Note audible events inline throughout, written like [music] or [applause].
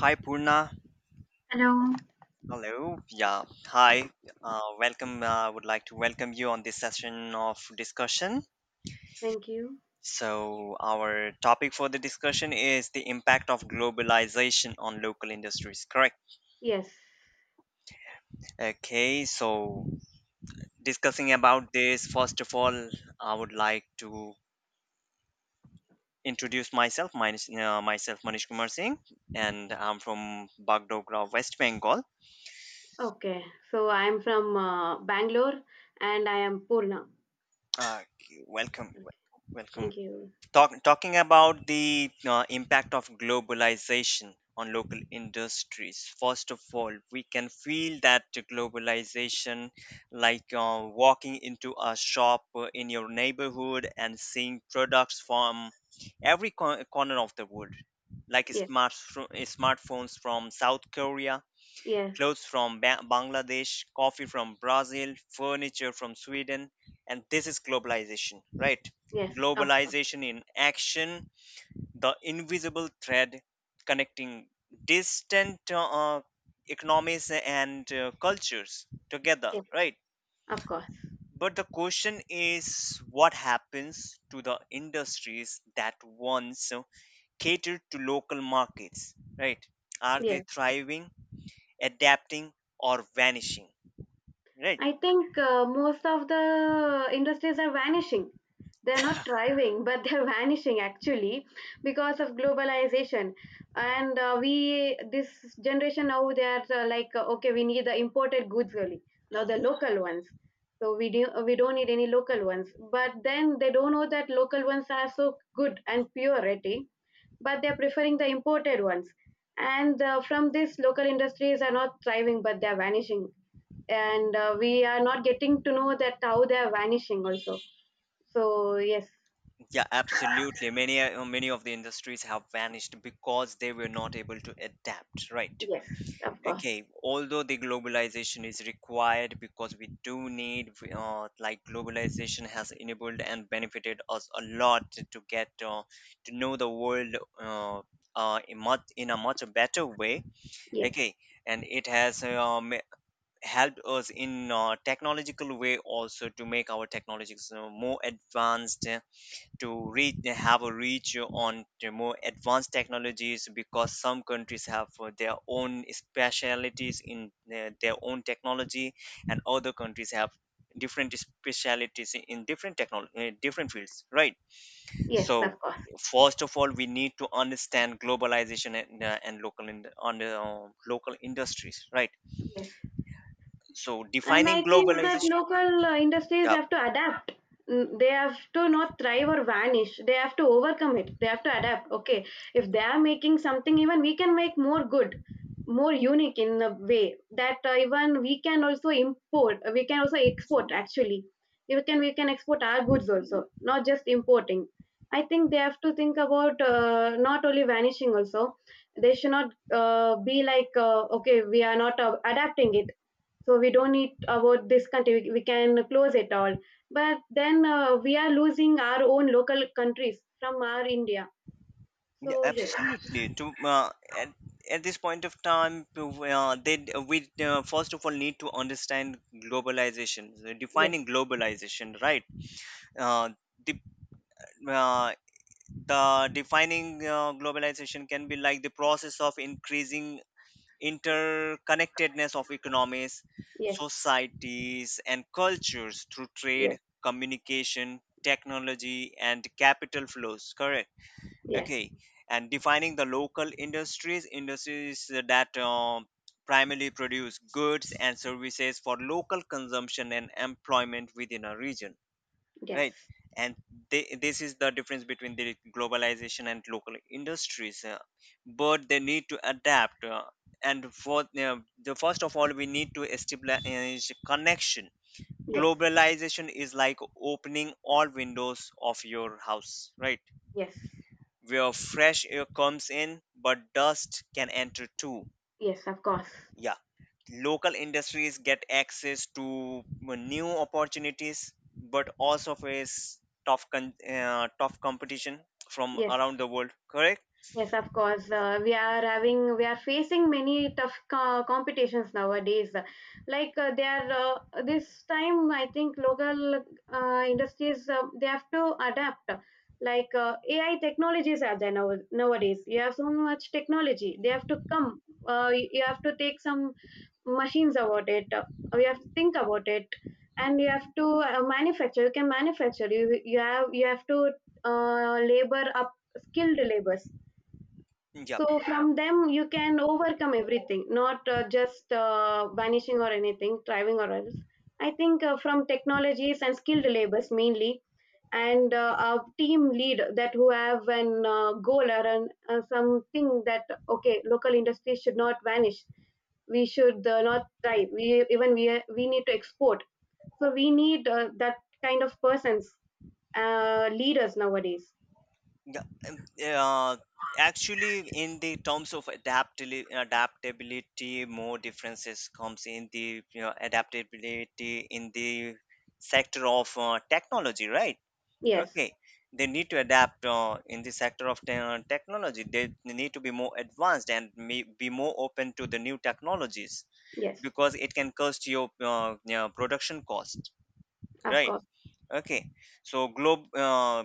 Hi Purna. Hello, Hello. Yeah. Hi. Welcome. I would like to welcome you on this session of discussion. thank you. So, our topic for the discussion is the impact of globalization on local industries, correct? Yes. Okay. So, discussing about this, first of all, I would like to introduce myself. Myself, Manish Kumar Singh, and I'm from Bagdogra, West Bengal. Okay. So I'm from Bangalore and I am Purna. Uh, Welcome. Okay. Welcome. Thank you. Talking about the impact of globalization on local industries, first of all, we can feel that the globalization, like walking into a shop in your neighborhood and seeing products from every corner of the world, like Yes, smartphones from South Korea, yes, clothes from Bangladesh, coffee from Brazil, furniture from Sweden, and this is globalization, right? yes, Globalization in action, the invisible thread connecting distant economies and cultures together, yes, right? of course. But the question is, what happens to the industries that once catered to local markets, right? Are they Yes. thriving, adapting, or vanishing? Right. I think most of the industries are vanishing. They're not thriving, but they're [laughs] vanishing actually because of globalization. And this generation now, they are okay, we need the imported goods only. Now the Mm. local ones. So we don't need any local ones. But then they don't know that local ones are so good and pure, I think, but they're preferring the imported ones. And from this, local industries are not thriving, but they're vanishing. And we are not getting to know that how they're vanishing also. So, yes, Yeah, absolutely. Many of the industries have vanished because they were not able to adapt, right? yes, of course. Okay, although the globalization is required because we do need like globalization has enabled and benefited us a lot to get to know the world uh, in a much better way. Yes, Okay, and it has helped us in technological way also to make our technologies more advanced to reach have a reach on the more advanced technologies because some countries have their own specialities in their own technology, and other countries have different specialities in different technology, different fields, right? yes, of So, course. first of all, we need to understand globalization and local in, on the, local industries, right? Yes. So And defining I think that globalization, local industries yeah. have to adapt. They have to not thrive or vanish. They have to overcome it. They have to adapt. Okay, if they are making something, even we can make more good, more unique in a way that even we can also import. We can also export. Actually, we can export our goods also, not just importing. I think they have to think about not only vanishing also. They should not be like okay, we are not adapting it, so we don't need about this country. We we, can close it all, but then we are losing our own local countries from our india. Yeah, So yes, absolutely. At this point of time, to, they d- we first of all need to understand globalization, yes, defining globalization, right? Uh, the, uh, the defining globalization can be like the process of increasing interconnectedness of economies, yes, societies, and cultures through yes, trade, communication, technology, and capital flows. Correct. yes, Okay, and defining the local industries, industries that primarily produce goods and services for local consumption and employment within a region, right? yes, And this is the difference between the globalization and local industries, but they need to adapt, and for the first of all we need to establish connection. yes, Globalization is like opening all windows of your house, right, yes, where fresh air comes in, but dust can enter too. yes, of course, Yeah. Local industries get access to new opportunities, but also face tough competition from yes. around the world. Correct? Yes, of course. We are facing many tough competitions nowadays. Like they are this time, I think local industries they have to adapt. Like AI technologies are there now nowadays. You have so much technology. They have to come. You have to take some machines about it. You have to think about it, and you have to manufacture. You can manufacture. You have to labor up skilled labors. Yeah. So from them you can overcome everything, not just vanishing or anything, thriving or else. I think from technologies and skilled labors mainly, and a team lead that who have an goal or an, something that okay, local industry should not vanish. We should not thrive. We, even we need to export. So we need that kind of persons, leaders nowadays. Yeah. Um, Uh, Actually, in the terms of adaptability, more differences comes in the, you know, adaptability in the sector of technology, right? Yes, Okay, they need to adapt in the sector of technology. They need to be more advanced and may be more open to the new technologies yes, because it can cost your yeah, production cost, of right? course. Okay, so globe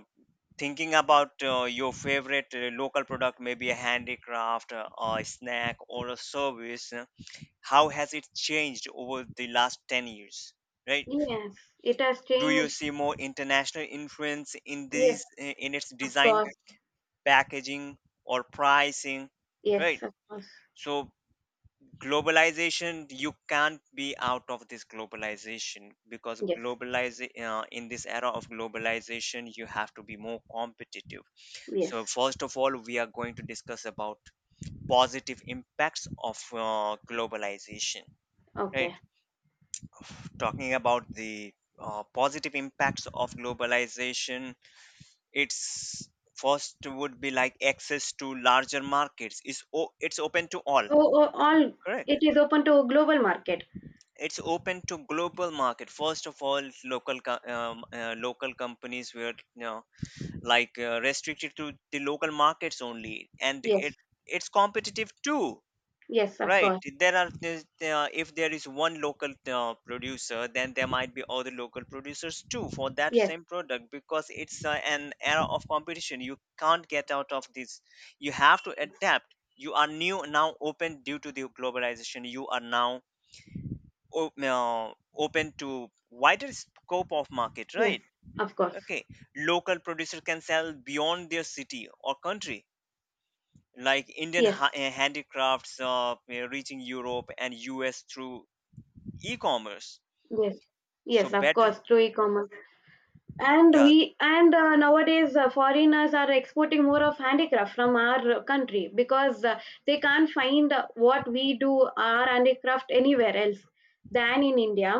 thinking about your favorite local product, maybe a handicraft, or a snack, or a service. How has it changed over the last 10 years, right? Yes, it has Do you changed. see more international influence in Yes, these in its of design, course. packaging, or pricing, Yes, right? of course. So, globalization, you can't be out of this globalization, because Yes, globalization, in this era of globalization you have to be more competitive. So yes. first of all we are going to discuss about positive impacts of globalization, Okay. right? Talking about the positive impacts of globalization, it's first would be like access to larger markets. It's open to all, Oh, oh, all, correct? it is open to global market. It's open to global market. First of all, local companies were, you know, like restricted to the local markets only, and Yes, it's competitive too. yes, of Right. course. There are, if there is one local producer, then there might be other local producers too for that Yes, same product, because it's an era of competition. You can't get out of this. You have to adapt. You are new now open due to the globalization. You are now open to wider scope of market, yes, right? of course. Okay. Local producer can sell beyond their city or country, like Indian Yes, handicrafts reaching Europe and US through e-commerce. yes, So yes, of better, course. Through e-commerce. and yeah, we and nowadays foreigners are exporting more of handicraft from our country because they can't find what we do our handicraft anywhere else than in india.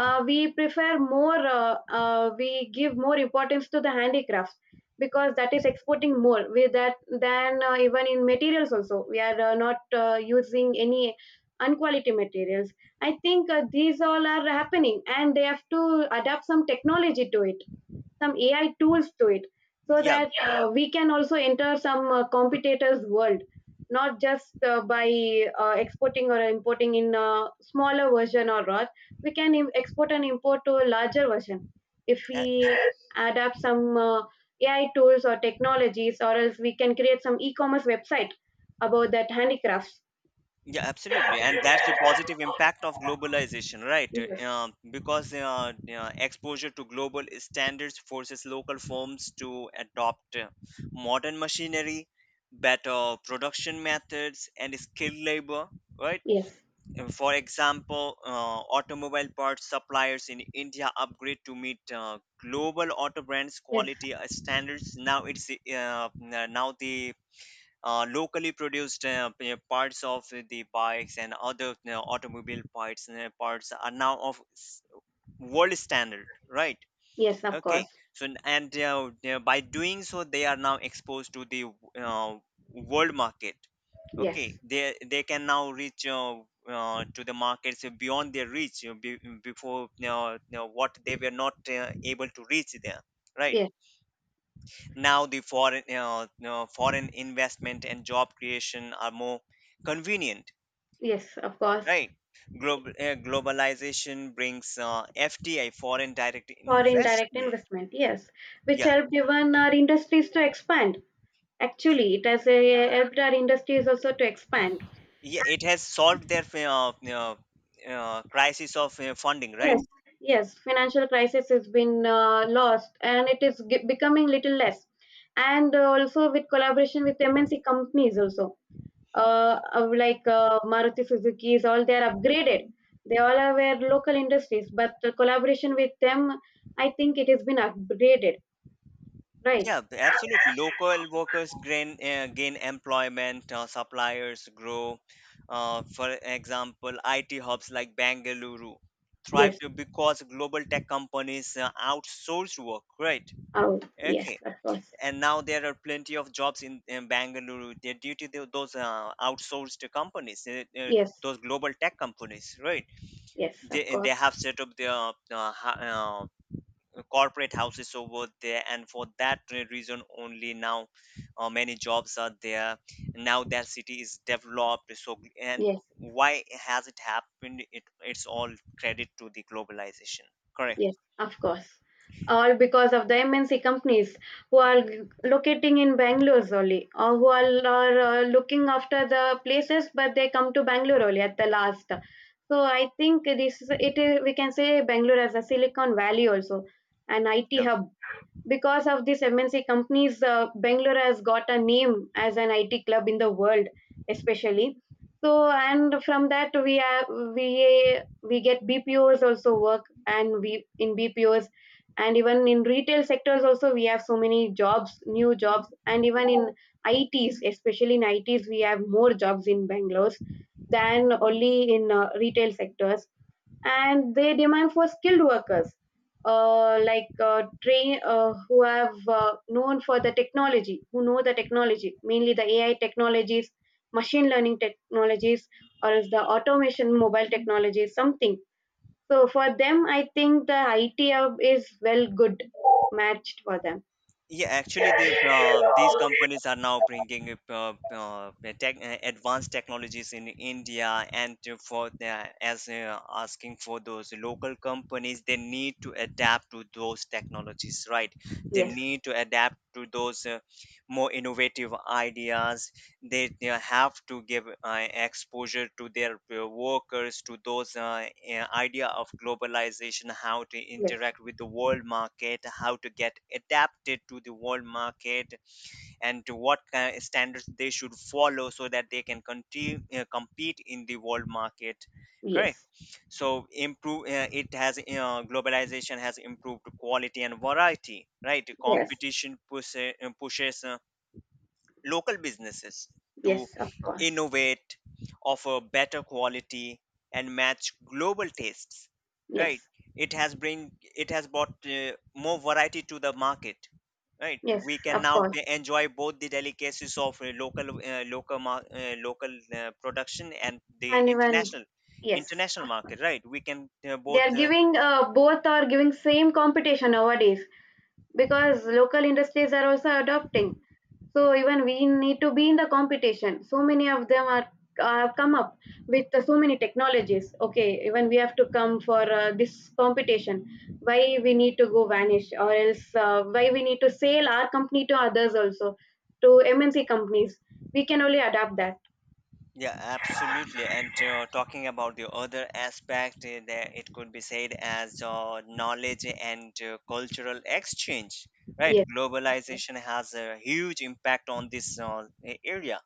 We give more importance to the handicrafts because that is exporting more with that, than even in materials also we are not using any unquality materials. I think these all are happening, and they have to adapt some technology to it, some AI tools to it, so yeah, that we can also enter some competitors' world, not just by exporting or importing in a smaller version or not. We can export and import to a larger version if we a- adapt some AI tools or technologies, or else we can create some e-commerce website about that handicrafts. yeah, absolutely, and that's the positive impact of globalization, right? Yes, Because exposure to global standards forces local firms to adopt modern machinery, better production methods, and skilled labor, right? yes, For example, automobile parts suppliers in India upgrade to meet global auto brands yes, quality standards. Now the locally produced parts of the bikes and other, you, automobile parts parts are now of world standard, right? yes, of Okay, course. so and by doing so, they are now exposed to the uh, world market. Yes, Okay, they can now reach to the markets beyond their reach, you be, before you you know, what they were not able to reach there, right? yes, Now the foreign, you know, foreign investment and job creation are more convenient, yes, of course. right? Globalization brings fdi, foreign direct For indirect investment, investment, yes, which yeah. helped even our industries to expand. Actually, it has helped our industries also to expand. Yeah, it has solved their uh, crisis of funding, right? Yes, yes, financial crisis has been lost, and it is becoming little less. And also with collaboration with MNC companies also, of like maruti suzuki's, all they are upgraded. They all are were local industries, but the collaboration with them, I think it has been upgraded, right? Yeah, the absolute. Local workers gain employment. Suppliers grow. For example, IT hubs like Bangalore thrive Yes. to- because global tech companies outsource work. Right? Oh, yes, Okay. of course. And now there are plenty of jobs in Bangalore due to those outsourced companies, Yes, those global tech companies, right? yes, of And they course. have set up their uh, uh, corporate houses over there, and for that reason only now many jobs are there, now that city is developed so and Yes, why has it happened, it's all credit to the globalization, correct? yes, of course. All because of the MNC companies who are locating in Bangalore only, or who are looking after the places, but they come to Bangalore only at the last. So I think this is it. We can say Bangalore as a Silicon Valley also, an IT Yeah. hub. Because of this MNC companies, Bangalore has got a name as an IT club in the world, especially. So, and from that we have we get BPOs also work, and we in BPOs, and even in retail sectors also we have so many jobs, new jobs, and even in ITs, especially in ITs, we have more jobs in Bangalore than only in retail sectors. And they demand for skilled workers, like train who have known for the technology, who know the technology, mainly the AI technologies, machine learning technologies, or is the automation mobile technologies something. So for them, I think the IT hub is well good matched for them. Yeah, actually, these companies are now bringing advanced technologies in India, and for the, as asking for those local companies, they need to adapt to those technologies, right? They Yes, need to adapt to those more innovative ideas. They they have to give exposure to their workers to those idea of globalization, how to yes, interact with the world market, how to get adapted to the world market, and to what kind of standards they should follow so that they can continue, compete in the world market, correct? yes, So improve it has globalization has improved quality and variety, right? yes, Competition pushes uh, pushes uh, local businesses to yes, of course, innovate, offer better quality, and match global tastes. Right? yes, It has brought more variety to the market. Right? yes, We can of now course. Enjoy both the delicacies of local production and the And even, international, yes, international market. Right? We can they are both giving both are giving same competition nowadays because local industries are also adopting. So even we need to be in the competition. So many of them are have come up with so many technologies. Okay, even we have to come for this competition. Why we need to go vanish or else why we need to sell our company to others also, to MNC companies? We can only adapt that. yeah, absolutely. And talking about the other aspect, that it could be said as knowledge and cultural exchange, right? Yes, of Globalization has a huge impact on this area.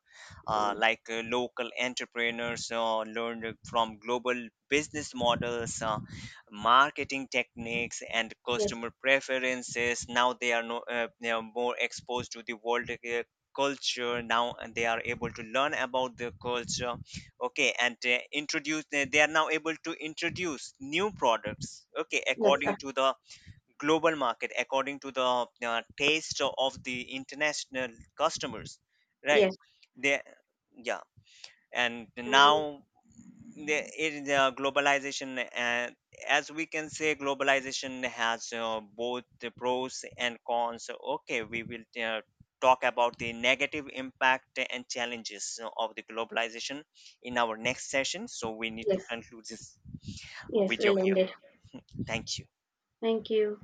Course. Local entrepreneurs learn from global business models, marketing techniques, and Yes, customer preferences. Now they are no, they are more exposed to the world culture now, and they are able to learn about the culture. Okay, and introduce they are now able to introduce new products, okay, yes, according to the global market, according to the taste of the international customers, right? yes, they Yeah, and and now the globalization, as we can say, globalization has both the pros and cons. Okay, we will talk about the negative impact and challenges of the globalization in our next session, so we need to yes. conclude this Yes, video we'll end here. it. Thank you. Thank you.